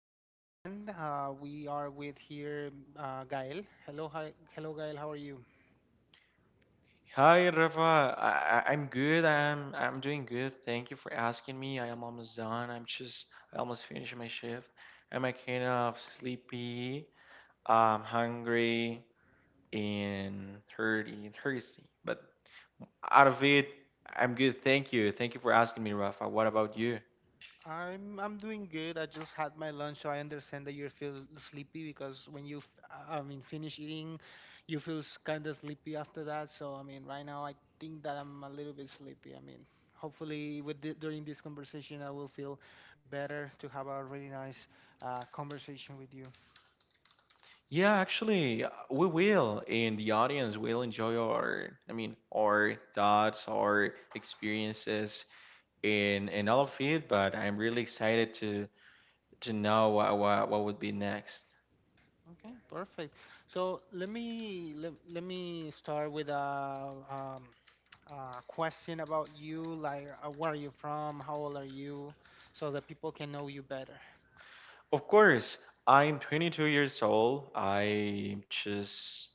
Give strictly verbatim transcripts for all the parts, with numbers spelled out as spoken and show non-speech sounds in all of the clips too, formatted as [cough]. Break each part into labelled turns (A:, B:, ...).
A: with a new friend. Uh, we are with here uh, Gael. Hello, hi, hello, Gael. How are you?
B: Hi Rafa, I, I- I'm good. I'm I'm doing good. Thank you for asking me. I am almost done. I'm just I almost finished my shift. I'm like kind of sleepy, um, hungry, and hurty, thirsty. But out of it, I'm good. Thank you. Thank you for asking me, Rafa. What about you?
A: I'm I'm doing good. I just had my lunch, so I understand that you feel sleepy because when you, f- I I mean, finish eating, you feel kind of sleepy after that. So I mean, right now I think that I'm a little bit sleepy. I mean, hopefully with the, during this conversation I will feel better to have a really nice uh, conversation with you.
B: Yeah, actually, uh, we will, and the audience will enjoy our, I mean, our thoughts, our experiences, and and all of it. But I'm really excited to to know what, what, what would be next.
A: Okay, perfect. So let me let, let me start with a, um, a question about you, like uh, where are you from, how old are you, so that people can know you better.
B: Of course, I'm twenty-two years old. I just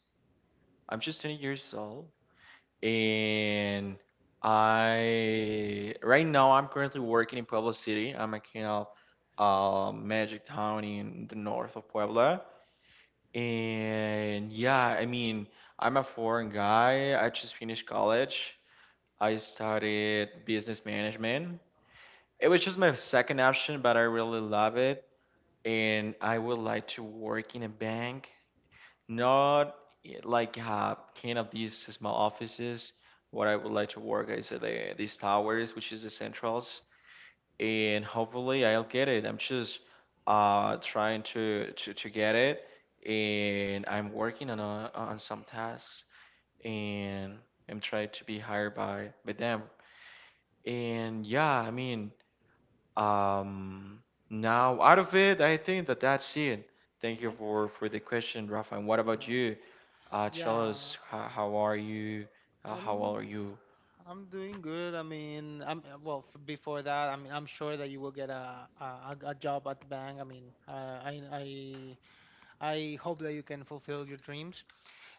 B: I'm just twenty years old, and I right now I'm currently working in Puebla City. I'm a kind of uh, magic town in the north of Puebla, and yeah, I mean I'm a foreign guy. I just finished college. I studied business management. It was just my second option, but I really love it. And I would like to work in a bank, not eh, like uh, kind of these small offices. What I would like to work is at the, these towers, which is the centrals, and hopefully I'll get it. I'm just uh, trying to, to to get it, and I'm working on a, on some tasks, and I'm trying to be hired by by them. And yeah, I mean, um, now, out of it, I think that that's it. Thank you
A: Okay.
B: for for the question, Rafa. And what
A: Uh,
B: about you? Uh, tell
A: yeah,
B: us how, how are you?
A: uh,
B: Uh, how
A: um,
B: old are you?
A: I'm doing good. I mean, I'm uh, well. f- Before that, I mean, I'm sure that you will get a a, a a job at the bank. I mean, uh, I I I hope that you can fulfill your dreams.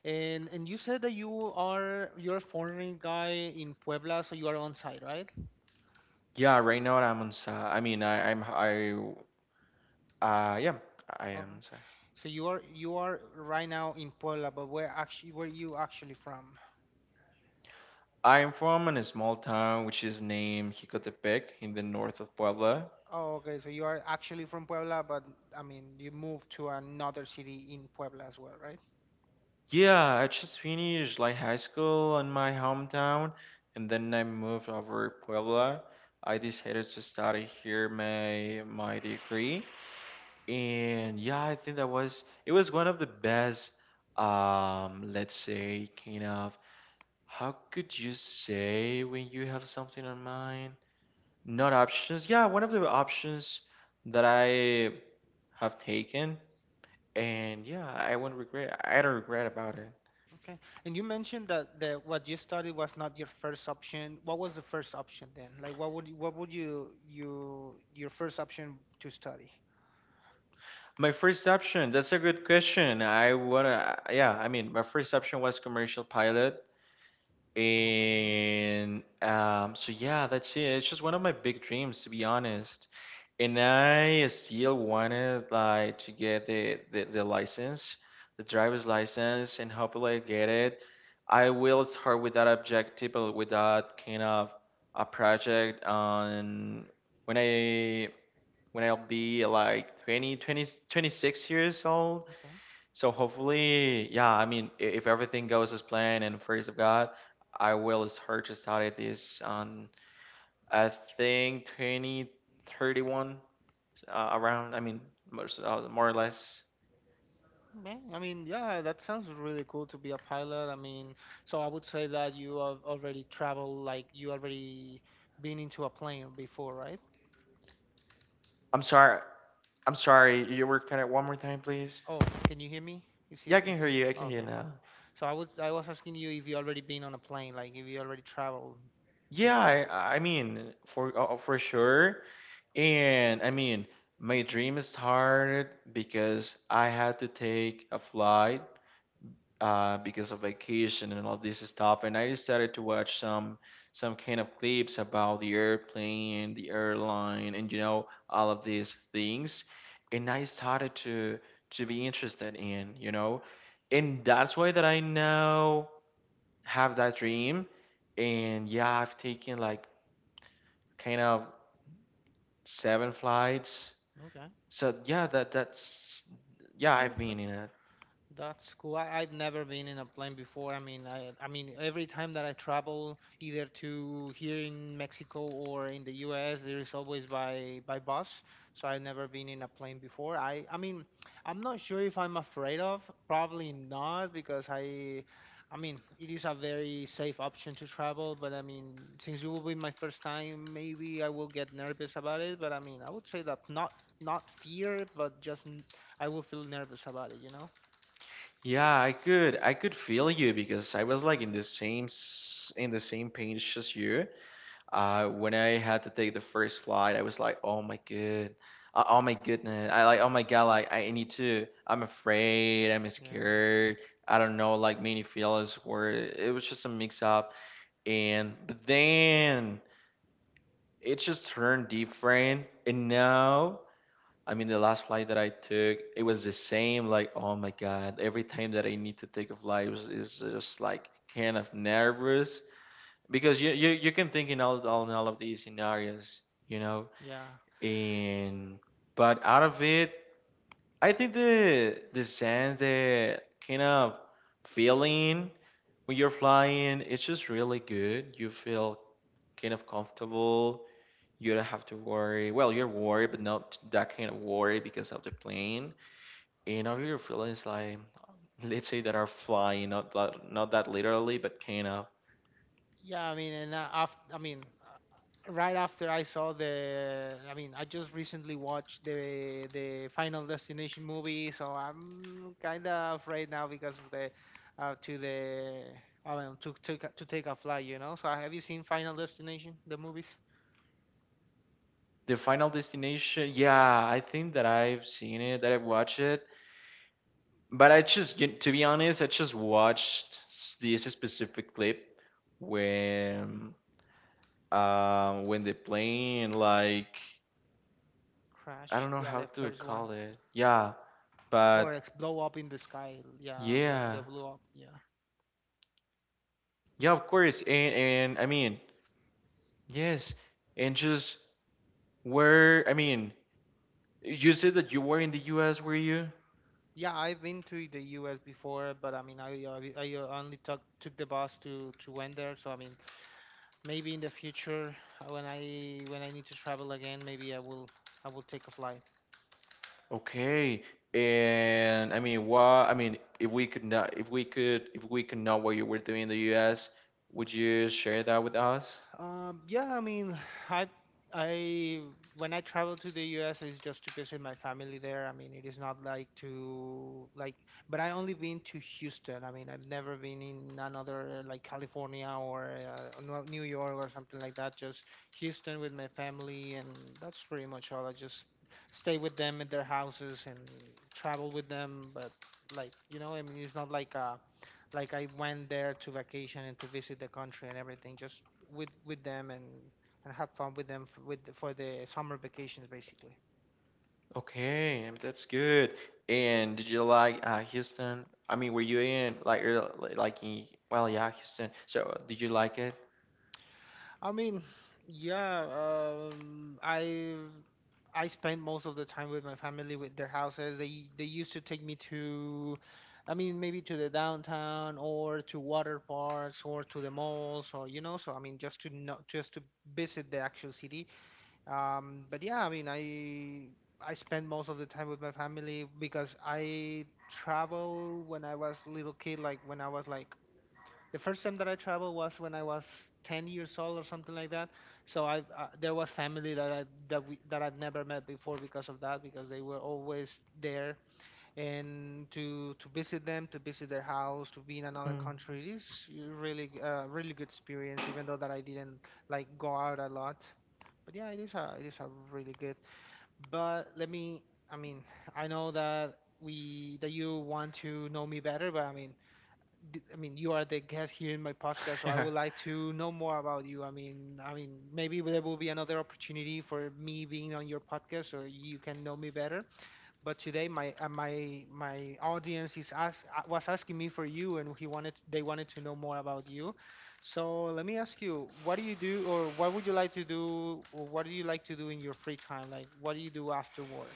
A: And and you said that you are you're a foreign guy in Puebla, so you are on site, right?
B: Yeah, right now I'm on. Sa I mean, I, I'm I. Uh, yeah, I am.
A: Okay.
B: Sa
A: So you are you are right now in Puebla, but where actually where you actually from?
B: I am from in a small town which is named Jicotepec in the north of Puebla.
A: Oh, okay. So you are actually from Puebla, but I mean you moved to another city in Puebla as well, right?
B: Yeah, I just finished like high school in my hometown, and then I moved over to Puebla. I decided to study here my my degree, and yeah, I think that was it was one of the best. Um, let's say kind of how could you say when you have something on mind? Not options. Yeah, one of the options that I have taken, and yeah, I won't regret. I don't regret about it.
A: Okay. And you mentioned that that what you studied was not your first option. What was the first option then? Like what would you- what would you you your first option to study?
B: My first option, that's a good question. I wanna, yeah, I mean, My first option was commercial pilot. And um, so, yeah, that's it. It's just one of my big dreams, to be honest. And I still wanted like to get the, the, the license, the driver's license, and hopefully I get it. I will start with that objective, or with that kind of a project on when I when I'll be like 20, 20, twenty-six years old.
A: Okay.
B: So hopefully, yeah, I mean, I- if everything goes as planned and first of God, I will start to study this on, I think, twenty thirty-one, uh, around, I mean, most, uh, more or less.
A: Yeah, I mean, yeah, that sounds really cool to be a pilot. I mean, so I would say that you have already traveled, like you already been into a plane before, right?
B: I'm sorry. I'm sorry. You were kind of one more time, please.
A: Oh, can you hear me? Is
B: Yeah,
A: it,
B: I can
A: is
B: hear
A: it?
B: you. I can hear
A: Okay,
B: you now.
A: perfect. So I was I was asking you if you already been on a plane, like if you already traveled with.
B: Yeah, I, I mean, for uh, for sure. And I mean, my dream started because I had to take a flight uh, because of vacation and all this stuff, and I decided to watch some some kind of clips about the airplane, the airline, and you know all of these things, and I started to to be interested in you know, and that's why that I now have that dream, and yeah, I've taken like kind of seven flights.
A: Okay,
B: So yeah, that that's yeah,
A: okay.
B: I've been in it.
A: That's cool. I, I've never been in a plane before. I mean, I, I mean, every time that I travel, either to here in Mexico or in the U S, there is always by by bus. So I've never been in a plane before. I, I mean, I'm not sure if I'm afraid of. Probably not, because I, I mean, it is a very safe option to travel. But I mean, since it will be my first time, maybe I will get nervous about it. But I mean, I would say that not not fear, but just n- I will feel nervous about it, you know?
B: Yeah, I could I could feel you because I was like in the same s- in the same page as you. Uh, when I had to take the first flight, I was like, oh my good, uh, oh my goodness, I like oh my god, like I need to. I'm afraid, I'm
A: Yeah,
B: scared. I don't know, like many feelings were. It was just a mix up, and but then it just turned different, and now. I mean, the last flight that I took, it was the same. Like, oh my God, every time that I need to take a flight was, is just like kind of nervous because you, you, you can think in all, all, in all of these scenarios, you know.
A: yeah,
B: And but out of it, I think the the sense, the kind of feeling when you're flying, it's just really good. You feel kind of comfortable you don't have to worry. Well, you're worried, but not that kind of worry because of the plane. And I really feel it's like, let's say that are flying, not that, not that literally, but kind of.
A: yeah. I mean, and uh, after, I mean, uh, right after I saw the, I mean, I just recently watched the the Final Destination movie, so I'm kind of afraid now because of the, uh, to the, I mean, to to to take a flight, you know. So uh, have you seen Final Destination, the movies?
B: The Final Destination, yeah, I think that I've seen it, that I've watched it. But I just, you- to be honest, I just watched s- this specific clip when, um, when the plane, like, I
A: Crash,
B: don't know
A: yeah,
B: how
A: the
B: to
A: first one,
B: call it. Yeah,
A: or it's
B: but
A: blow up in the sky, yeah, like
B: yeah,
A: the blow up, yeah.
B: yeah, of course. And and I mean, yes, and just where, I mean. You said that you were in the U S, were you?
A: Yeah, I've been to the U S before, but I mean, I I, I only took took the bus to to went there. So I mean, maybe in the future uh, when I when I need to travel again, maybe I will I will take a flight.
B: Okay. And I mean, why? I mean, if we could not, if we could, if we could know what you were doing in the U S, would you share that with us?
A: Um, yeah, I mean, I, I, when I travel to the U S, it's just to visit my family there. I mean, it is not like to like, but I only been to Houston. I mean, I've never been in another like California or uh, Nor- New York or something like that. Just Houston with my family, and that's pretty much all. I just stay with them at their houses and travel with them. But like, you know, I mean, it's not like uh like I went there to vacation and to visit the country and everything, just with with them and and have fun with them f- with the- for the summer vacations basically.
B: Okay, I mean, that's good. And did you like uh, Houston? I mean, were you in like er, like in, well, yeah, Houston. So, did you like it?
A: I mean, yeah, um, I I spend most of the time with my family with their houses. They they used to take me to, I mean, maybe to the downtown or to water parks or to the malls or you know. So I mean, just to know, just to visit the actual city. Um, but yeah, I mean, I I spend most of the time with my family because I travel when I was little kid, like when I was like the first time that I traveled was when I was ten years old or something like that. So I uh, there was family that I that we that I'd never met before because of that because they were always there and to to visit them, to visit their house, to be in another country. It is really g- a really good experience, even though that I didn't like go out a lot. But yeah, it is a it is a really good. But let me, I mean, I know that we that you want to know me better, but I mean, d- I mean, you are the guest here in my podcast, so I
B: Mm.
A: would
B: [laughs]
A: like to know more about you. I mean, I mean, maybe there will be another opportunity for me being on your podcast, or you can know me better. But today my uh, my my audience is ask uh, was asking me for you, and he wanted they wanted to know more about you. So let me ask you, what do you do, or what would you like to do, or what do you like to do in your free time? Like, what do you do after work?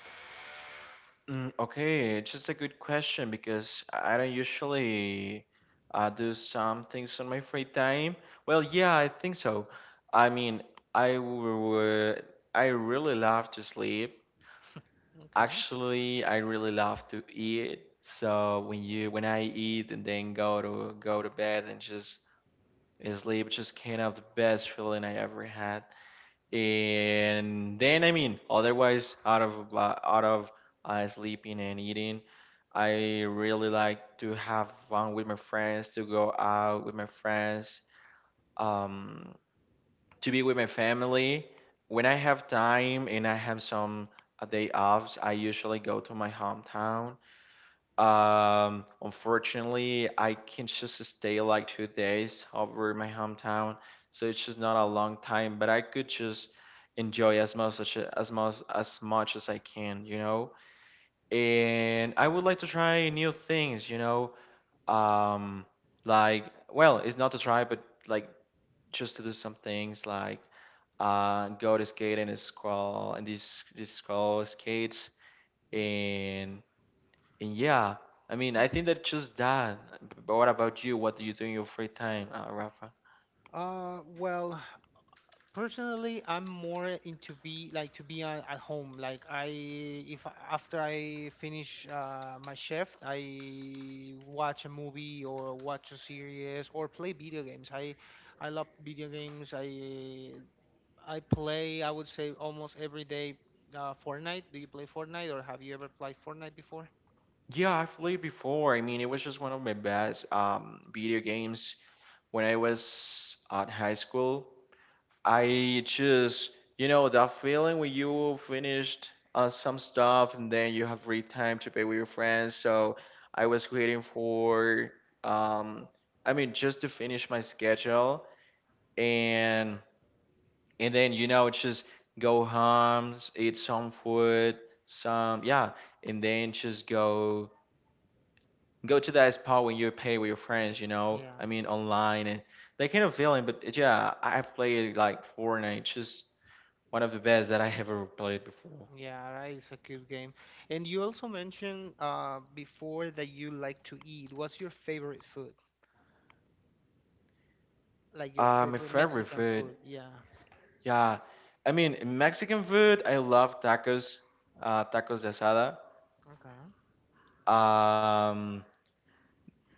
B: Mm, okay, just a good question because I don't usually uh, do some things on my free time. Well, yeah, I think so. I mean, I would, I really love to sleep.
A: Okay.
B: Actually, I really love to eat. So when you when I eat and then go to go to bed and just sleep, just kind of the best feeling I ever had and then I mean, otherwise, out of uh, out of uh, sleeping and eating, I really like to have fun with my friends, to go out with my friends, um, to be with my family. When I have time and I have some uh, day offs, I usually go to my hometown. Um, unfortunately, I can just stay like two days over in my hometown, so it's just not a long time, but I could just enjoy as much as as much as much as I can, you know? And I would like to try new things, you know? Um, like, well, it's not to try, but like just to do some things like uh go to skate in a squall and these these squall skates and. And yeah, I mean,
A: Oh.
B: I think that just that. But what about you? What do you do in your free time, uh, Rafa?
A: Uh, well, Personally, I'm more into be like to be on, at home. Like I, if I- after I finish uh, my shift, I watch a movie or watch a series or play video games. I, I love video games. I, I play. I would say almost every day. Uh, Fortnite. Do you play Fortnite or have you ever played Fortnite before?
B: Yeah, I've played before. I mean, it was just one of my best um, video games when I was at high school. I just, you know, that feeling when you finished uh, some stuff and then you have free time to play with your friends. So I was waiting for, um, I mean, just to finish my schedule and. And then you know just go home eat some food some yeah and then just go go to that spot when you play with your friends you know
A: Yeah,
B: I mean online and that kind of feeling but yeah I- have played like fortnite just one of the best that I have ever played before.
A: yeah, that is a good game. And you also mentioned uh, before that you like to eat. What's your favorite food? Like
B: Uh,
A: your
B: my
A: favorite
B: favorite
A: Mexican
B: food,
A: food. Yeah.
B: yeah I mean mexican food I love tacos, uh tacos de asada,
A: Okay.
B: um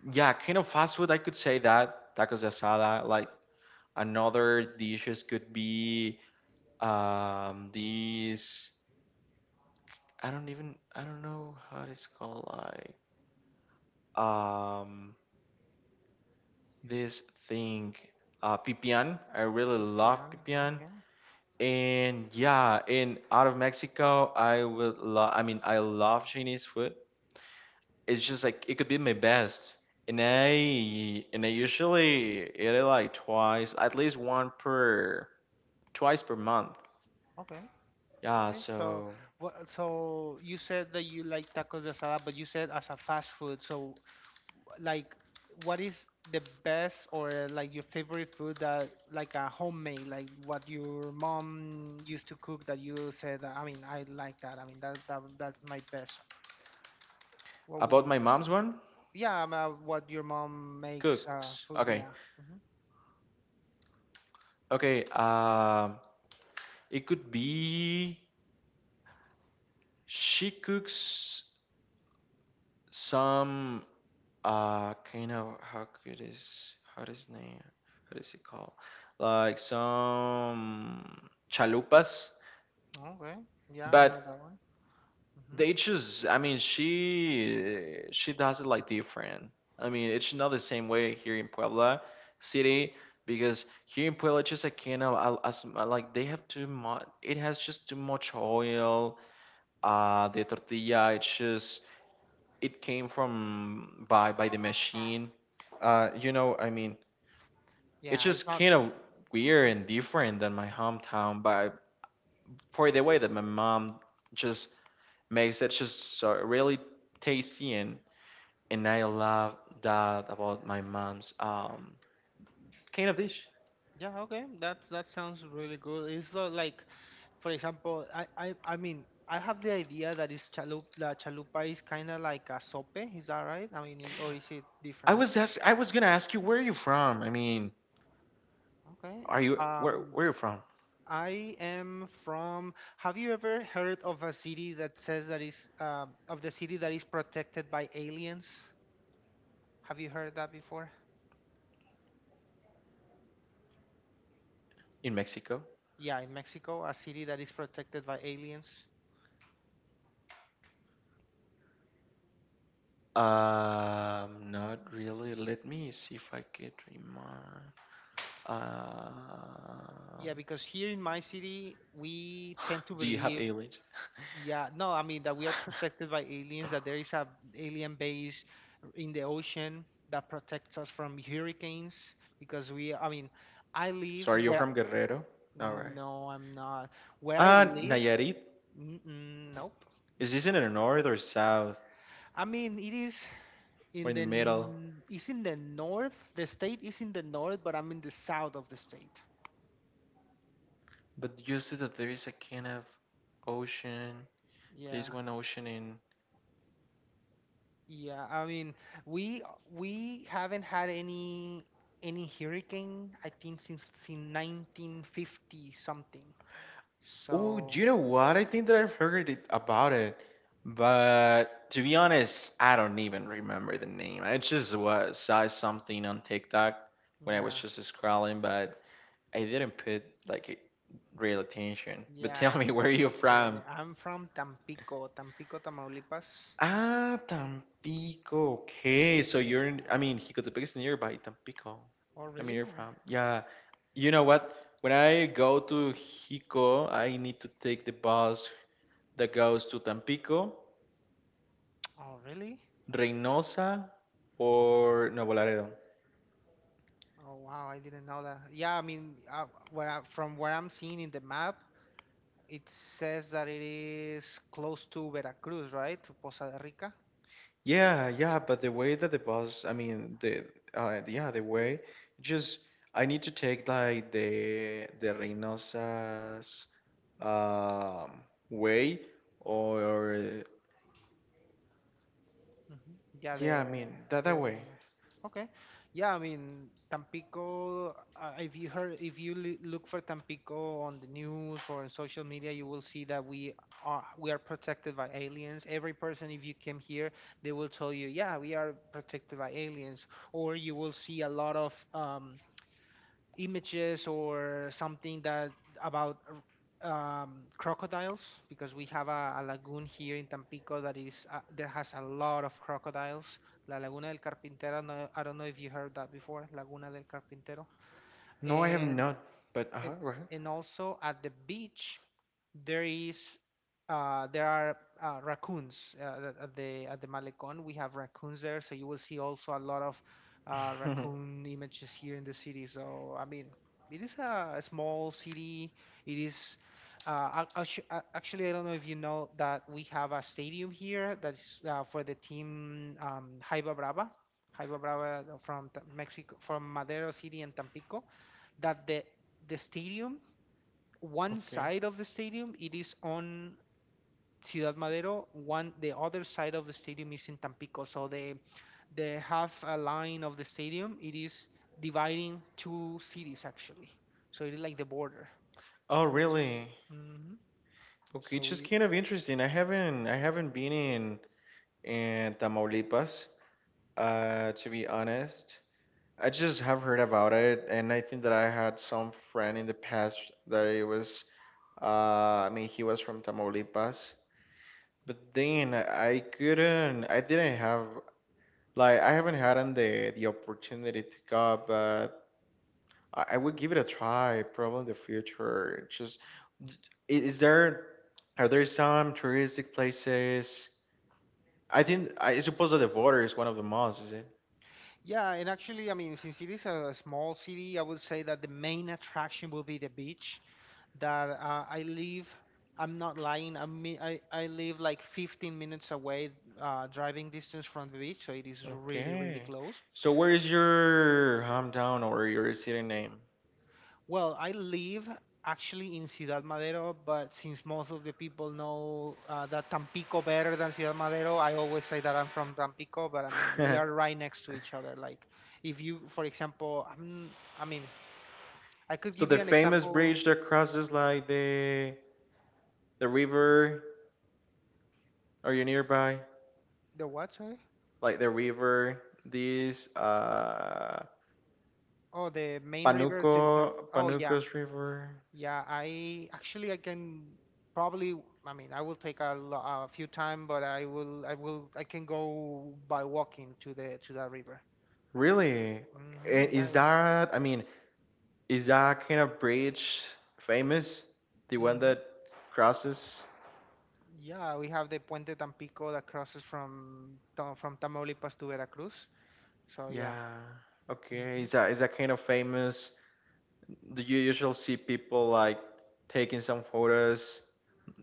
B: yeah kind of fast food I could say that tacos de asada like. Another dishes could be um these I don't even I don't know how it's called like um this thing uh pipian. I really love
A: Pipián.
B: pipian.
A: Okay.
B: And yeah, and out of Mexico, I would love I mean I love Chinese food. It's just like it could be my best. And I and I usually eat it like twice, at least one per twice per month.
A: Okay.
B: Yeah,
A: Okay. So,
B: so
A: what? So you said that you like tacos de asada, but you said as a fast food. So, like, what is the best or like your favorite food that like a homemade, like what your mom used to cook that you said that I mean I like that. I mean that that that's my best. What would
B: about
A: you
B: my mom's
A: consider?
B: one,
A: Yeah, um, uh, what your mom makes uh,
B: cooks.
A: food.
B: Okay.
A: Yeah. Hmm.
B: Okay. Um, it could be she cooks some uh kind of how could is how does name how does it call like some chalupas,
A: Okay. Yeah, I
B: but
A: know that one. Hmm.
B: they just I mean she she does it like different. I mean it's not the same way here in Puebla city because here in Puebla, it's just a kind of I, as, like they have too much. It has just too much oil. Uh, the tortilla, it's just it came from by by the machine. Uh, you know, I mean, it's
A: Yeah, it's
B: just
A: not.
B: kind of weird
A: Huh?
B: and different than my hometown, but for the way that my mom just makes it, just so really tasty and and I love that about my mom's um kind of dish.
A: Yeah, okay. That that sounds really good. It's not like, for example, I I I mean, I have the idea that is chalup that chalupa is kind of like a sope. Is that right? I mean, i- or is it
B: I
A: different?
B: was ask, I was gonna ask you where are you from? I mean,
A: Okay.
B: are you where
A: Um,
B: where are you from?
A: I am from. Have you ever heard of a city that says that is uh, of the city that is protected by aliens? Have you heard that before?
B: In Mexico?
A: Yeah, in Mexico, a city that is protected by aliens.
B: Um, not really. Let me see if I could remember. Um,
A: Yeah, because here in my city, we tend to
B: [laughs] do you have
A: believe,
B: aliens?
A: yeah, no, I mean that we are protected
B: [laughs]
A: by aliens, that there is a alien base in the ocean that protects us from hurricanes because we, I mean, I live
B: Sorry, you're
A: where,
B: from Guerrero? All right.
A: no, I'm not. Where I
B: Uh,
A: live,
B: Nayarit?
A: mm-mm, nope.
B: Is this in the north or south?
A: I mean, it is
B: We're
A: in
B: in
A: the,
B: the middle.
A: n- it's in the north. The state is in the north, but I'm in the south of the state.
B: But you see that there is a kind of ocean. There's
A: Yeah.
B: one ocean in...
A: Yeah, I mean, we we haven't had any any hurricane, I think since since nineteen fifty something.
B: Oh, do
A: So,
B: you know what? I think that I've heard it, about it, but to be honest, I don't even remember the name. I just was, saw something on TikTok when I was
A: yeah.
B: just scrolling, but I didn't put like a- real attention. But
A: Yeah,
B: tell me, [laughs]
A: it's
B: where are you
A: okay.
B: from?
A: I'm from Tampico, Tampico, Tamaulipas.
B: Ah, Tampico. Okay, so you're in,
A: Yeah.
B: I mean, Jicotepec is nearby Tampico.
A: Oh,
B: I mean,
A: really?
B: you're from. Yeah. You know what? When I go to Jico, I need to take the bus that goes to Tampico.
A: Oh, really?
B: Reynosa or Nuevo Laredo.
A: Oh, wow, I didn't know that. Yeah, I mean, uh, where I, from where I'm seeing in the map, it says that it is close to Veracruz, right? To Poza Rica.
B: Yeah, yeah, but the way that the bus, I mean, the uh, yeah, the way, just I need to take like the the Reynosa's um way, or
A: Hmm. Yeah, the
B: yeah, I mean that that
A: the
B: way.
A: Okay. Yeah, I mean, Tampico, uh, if you heard, if you li- look for Tampico on the news or on social media, you will see that we are we are protected by aliens. Every person, if you came here, they will tell you, yeah, we are protected by aliens. Or you will see a lot of um, images or something that about um, crocodiles because we have a, a lagoon here in Tampico that is uh, there has a lot of crocodiles. La Laguna del Carpintero. No, I don't know if you heard that before. Laguna del Carpintero.
B: No, I have
A: And
B: not, but
A: and
B: uh-huh,
A: and also at the beach there is uh, there are uh, raccoons uh, at at the at the Malecon. We have raccoons there, so you will see also a lot of uh,
B: right. [laughs]
A: raccoon images here in the city. So I mean, it is a, small city. It is. Uh, ac- actually, I don't know if you know that we have a stadium here that's uh, for the team um, Jaiba Brava, Jaiba Brava from Ta- Mexico, from Madero City and Tampico that the the stadium, one
B: Okay.
A: side of the stadium, it is on Ciudad Madero. One, the other side of the stadium is in Tampico. So the the half a line of the stadium, it is dividing two cities actually. So it is like the border.
B: Oh,
A: From,
B: really?
A: mhm.
B: Okay, it's
A: So
B: just
A: it,
B: kind of interesting. I haven't I haven't been in in Tamaulipas, uh, to be honest. I just have heard about it, and I think that I had some friend in the past that it was, uh, I mean, he was from Tamaulipas, but then I couldn't, I didn't have, like, I haven't had an- the the opportunity to go, but I, I would give it a try, probably in the future. Just, d- i- is there, are there some touristic places? I think, I suppose that the border is one of the most, is it?
A: yeah, and actually, I mean, since it is a small city, I would say that the main attraction will be the beach. That uh, I live, I'm not lying. I mean, I, I live like fifteen minutes away, uh, driving distance from the beach, so it is really, really
B: Okay.
A: close.
B: So where is your hometown or your city name?
A: Well, I live actually in Ciudad Madero, but since most of the people know uh, that Tampico better than Ciudad Madero, I always say that I'm from Tampico, but I mean, we are
B: [laughs]
A: right next to each other. Like, if you, for example, I'm, I mean, I could
B: So
A: give
B: the
A: you an
B: famous
A: example.
B: bridge that crosses like the the river, are you nearby?
A: The what? Sorry.
B: Like the river, this uh
A: Oh, the main river
B: Panuco
A: to the. Oh yeah,
B: Panucos River.
A: yeah. I actually I can probably. I mean, I will take a, lo- a few time, but I will. I will. I can go by walking to the to that river.
B: Really?
A: Hmm,
B: And
A: yeah.
B: is that, I mean, is that kind of bridge famous? The one
A: Hmm.
B: that crosses?
A: Yeah. We have the Puente Tampico that crosses from Ta- from Tamaulipas to Veracruz. So yeah.
B: Yeah. Okay.
A: Mm-hmm.
B: Is that, is that kind of famous? Do you usually see people like taking some photos?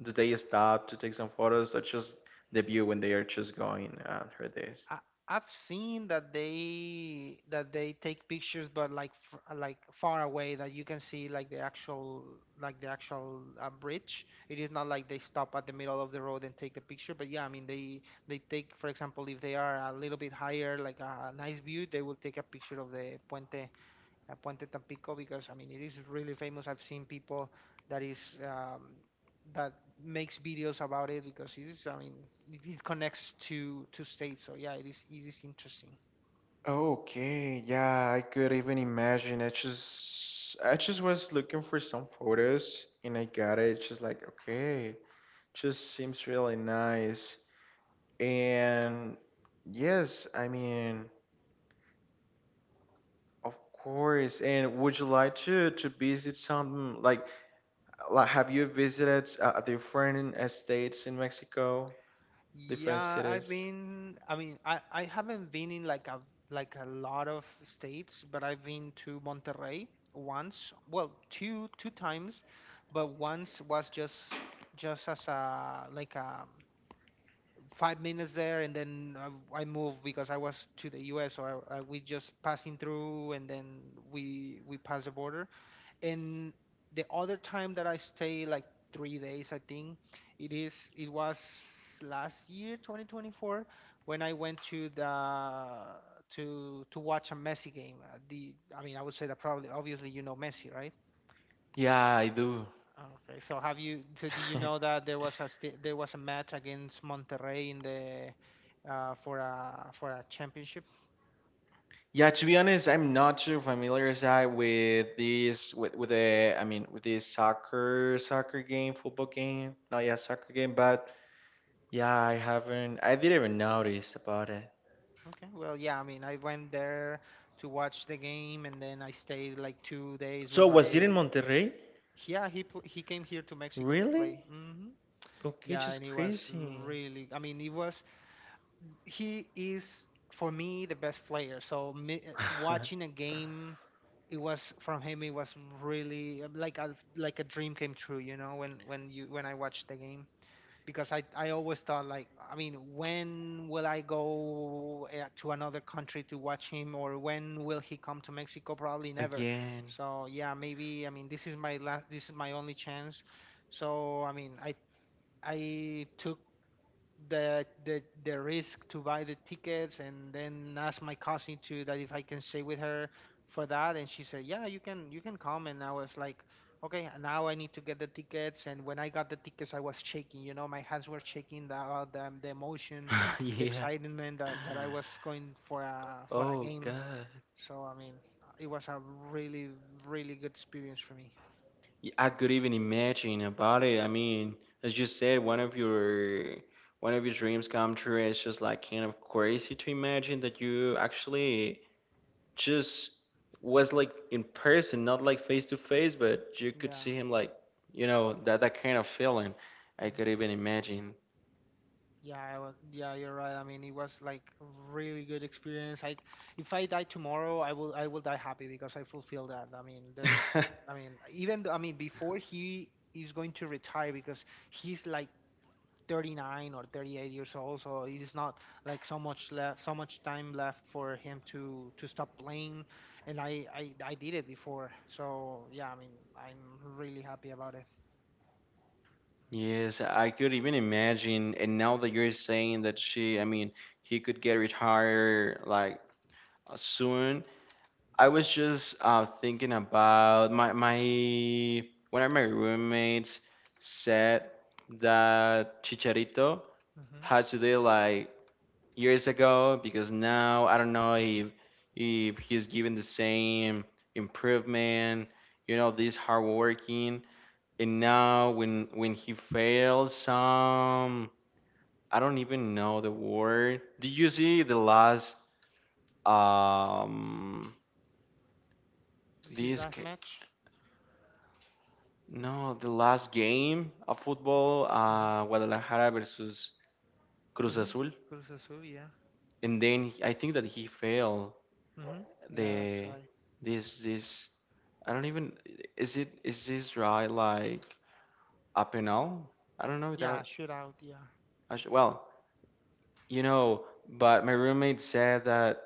B: Do they stop to take some photos, or just the view when they are just going uh, through this?
A: I, I've seen that they that they take pictures, but like f- like far away that you can see like the actual like the actual uh, bridge. It is not like they stop at the middle of the road and take the picture. But yeah, I mean they they take, for example, if they are a little bit higher, like a, a nice view, they will take a picture of the puente uh, Puente Tampico because I mean it is really famous. I've seen people that is um, that makes videos about it because it is I mean it, it connects to to states. So yeah, it is it is interesting.
B: Okay, yeah, I could even imagine. I just I just was looking for some photos and I got it. Just like, okay, just seems really nice. And yes, I mean, of course. And would you like to to visit some like... Like, have you visited uh, different states in Mexico, different
A: Yeah,
B: cities?
A: I've been. I mean, I I haven't been in like a like a lot of states, but I've been to Monterrey once. Well, two two times, but once was just just as a like a five minutes there, and then I, I moved because I was to the U S. So I, I, we just passing through, and then we we passed the border. And the other time that I stay like three days, I think it is it was last year, twenty twenty-four, when I went to the to to watch a Messi game. Uh, The I mean, I would say that probably obviously you know Messi, right?
B: Yeah, I do.
A: Okay, so have you? So do you know
B: [laughs]
A: that there was a sti- there was a match against Monterrey in the uh, for a for a championship?
B: Yeah, to be honest, I'm not too familiarized with this, with with the, I mean with this soccer soccer game, football game. Not yeah, soccer game, but yeah, I haven't I didn't even notice about it.
A: Okay, well, yeah. I mean, I went there to watch the game, and then I stayed like two days with
B: So was it
A: my.
B: in Monterrey?
A: Yeah, he pl- he came here to Mexico to
B: Really?
A: play. Hmm.
B: Okay,
A: Yeah, and
B: just
A: it was
B: crazy.
A: really. I mean, it was. He is for me the best player. So me, uh, watching a
B: [laughs]
A: game, it was from him. It was really uh, like a like a dream came true. You know, when when you when I watched the game, because I I always thought like, I mean, when will I go uh, to another country to watch him, or when will he come to Mexico? Probably never.
B: Again.
A: So yeah, maybe I mean this is my last. This is my only chance. So I mean, I I took the the the risk to buy the tickets and then ask my cousin to that if I can stay with her for that and she said yeah you can you can come and I was like okay now I need to get the tickets and when I got the tickets I was shaking you know my hands were shaking the uh, the, the emotion
B: [laughs]
A: the
B: Yeah.
A: excitement that, that I was going for a for a
B: Oh,
A: game
B: God.
A: so I mean it was a really really good experience for me.
B: Y- I could even imagine about it. I mean, as you said, one of your, one of your dreams come true. It's just like kind of crazy to imagine that you actually just was like in person, not like face to face, but you could see
A: Yeah.
B: him like, you know, that that kind of feeling. I could even imagine.
A: Yeah, I was, yeah, you're right. I mean, it was like a really good experience. I, if I die tomorrow, I will, I will die happy because I fulfill that. I mean, there's,
B: [laughs]
A: I mean, even, th- I mean, before he is going to retire because he's like thirty-nine or thirty-eight years old, so it is not like so much left, so much time left for him to to stop playing. And I, I, I did it before, so yeah, I mean, I'm really happy about it.
B: Yes, I could even imagine. And now that you're saying that she, I mean, he could get retired like soon, I was just uh, thinking about my my one of my roommates said that Chicharito
A: Hmm.
B: had to do it like years ago, because now I don't know if if he's given the same improvement, you know, this hard working. And now when when he fails some, I don't even know the word. Did you see the last um
A: His
B: this...
A: last match.
B: No, the last game of football,
A: Hmm.
B: uh, Guadalajara versus Cruz
A: Hmm.
B: Azul,
A: Cruz Azul, yeah.
B: and then I think that he failed
A: Mm-hmm. Yeah, that's
B: the,
A: right.
B: this this. I don't even, is it, is this right like a penal? I don't know if
A: Yeah,
B: that.
A: shootout. Yeah,
B: I should, well, you know, but my roommate said that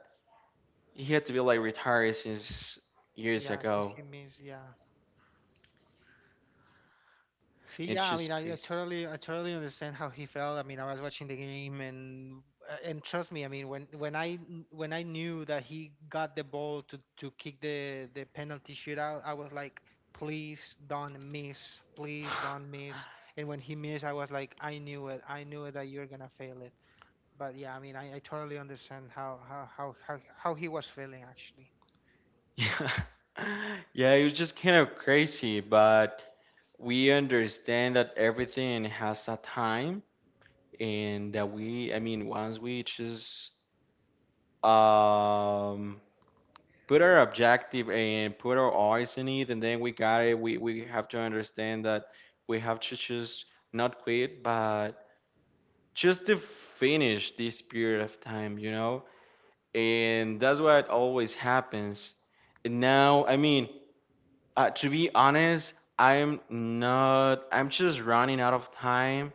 B: he had to be like retired since years
A: yeah. Since
B: ago.
A: he missed, yeah. See,
B: It's
A: yeah. I mean,
B: just
A: I, I
B: crazy. [laughs]
A: totally, I totally understand how he felt. I mean, I was watching the game, and uh, and trust me, I mean, when when I when I knew that he got the ball to to kick the the penalty shootout, I was like, please don't miss, please don't miss. And when he missed, I was like, I knew it, I knew it that you're gonna fail it. But yeah, I mean, I, I totally understand how how how how, how he was feeling actually.
B: Yeah, [laughs] yeah, it was just kind of crazy, but... we understand that everything has a time, and that we, I mean, once we just um put our objective and put our eyes in it, and then we got it, we we have to understand that we have to just not quit but just to finish this period of time, you know. And that's what always happens. And now I mean, uh, to be honest, I'm not I'm just running out of time.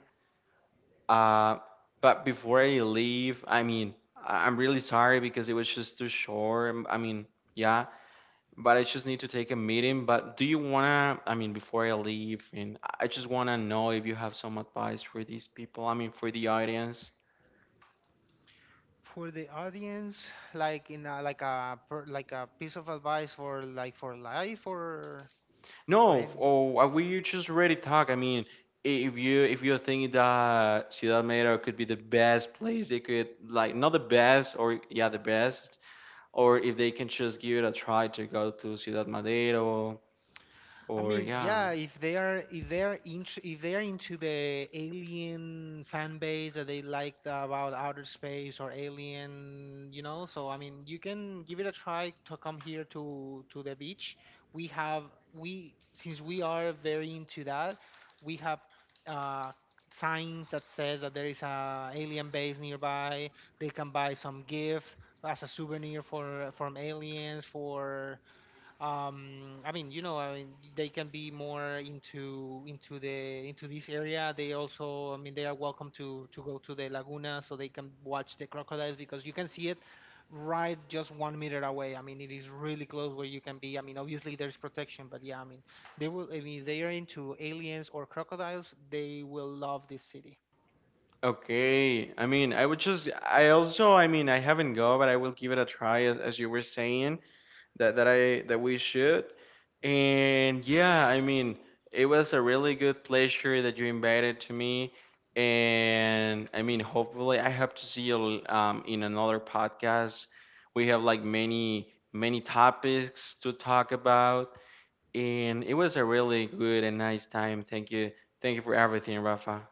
B: Uh, but before I leave, I mean, I- I'm really sorry because it was just too short. Um, I mean, yeah, but I just need to take a meeting. But do you wanna, I mean, before I leave, and I I just wanna know if you have some advice for these people, I mean, for the audience.
A: For the audience like in a, like a per, like a piece of advice for like for life or for
B: No, f-
A: any.
B: oh, uh, We just already talk. I mean, i- if you, if you think that Ciudad Madero could be the best place, it could like not the best, or yeah, the best, or if they can just give it a try to go to Ciudad Madero.
A: I
B: Or
A: mean,
B: yeah.
A: yeah, if they are if they are into if they are into the alien fan base that they liked about outer space or alien, you know, so I mean, you can give it a try to come here to to the beach. We have we since we are very into that, we have uh signs that says that there is a alien base nearby. They can buy some gift as a souvenir for from aliens for um I mean you know I mean they can be more into into the into this area they also I mean they are welcome to to go to the laguna so they can watch the crocodiles because you can see it right just one meter away I mean it is really close where you can be I mean obviously there's protection but yeah I mean they will I mean if they are into aliens or crocodiles they will love this city.
B: Okay. I mean, I would just, I also, I mean, I haven't go, but I will give it a try, as, as you were saying that that I, that we should. And yeah, I mean, it was a really good pleasure that you invited to me. And I mean, hopefully I hope to see you um in another podcast. We have like many many topics to talk about. And it was a really good and nice time. Thank you. Thank you for everything, Rafa.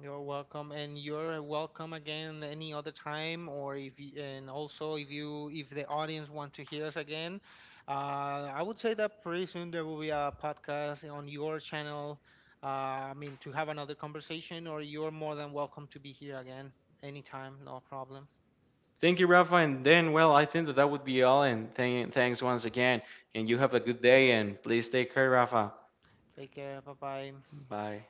A: You're welcome, and you're welcome again any other time, or if you, and also if you if the audience want to hear us again, uh, I would say that pretty soon there will be a podcast on your channel. Uh, I mean, to have another conversation, or you're more than welcome to be here again anytime, no problem.
B: Thank you, Rafa. And then, well, I think that that would be all. And thank thanks once again. And you have a good day. And please take care, Rafa.
A: Take care, bye bye.
B: Bye.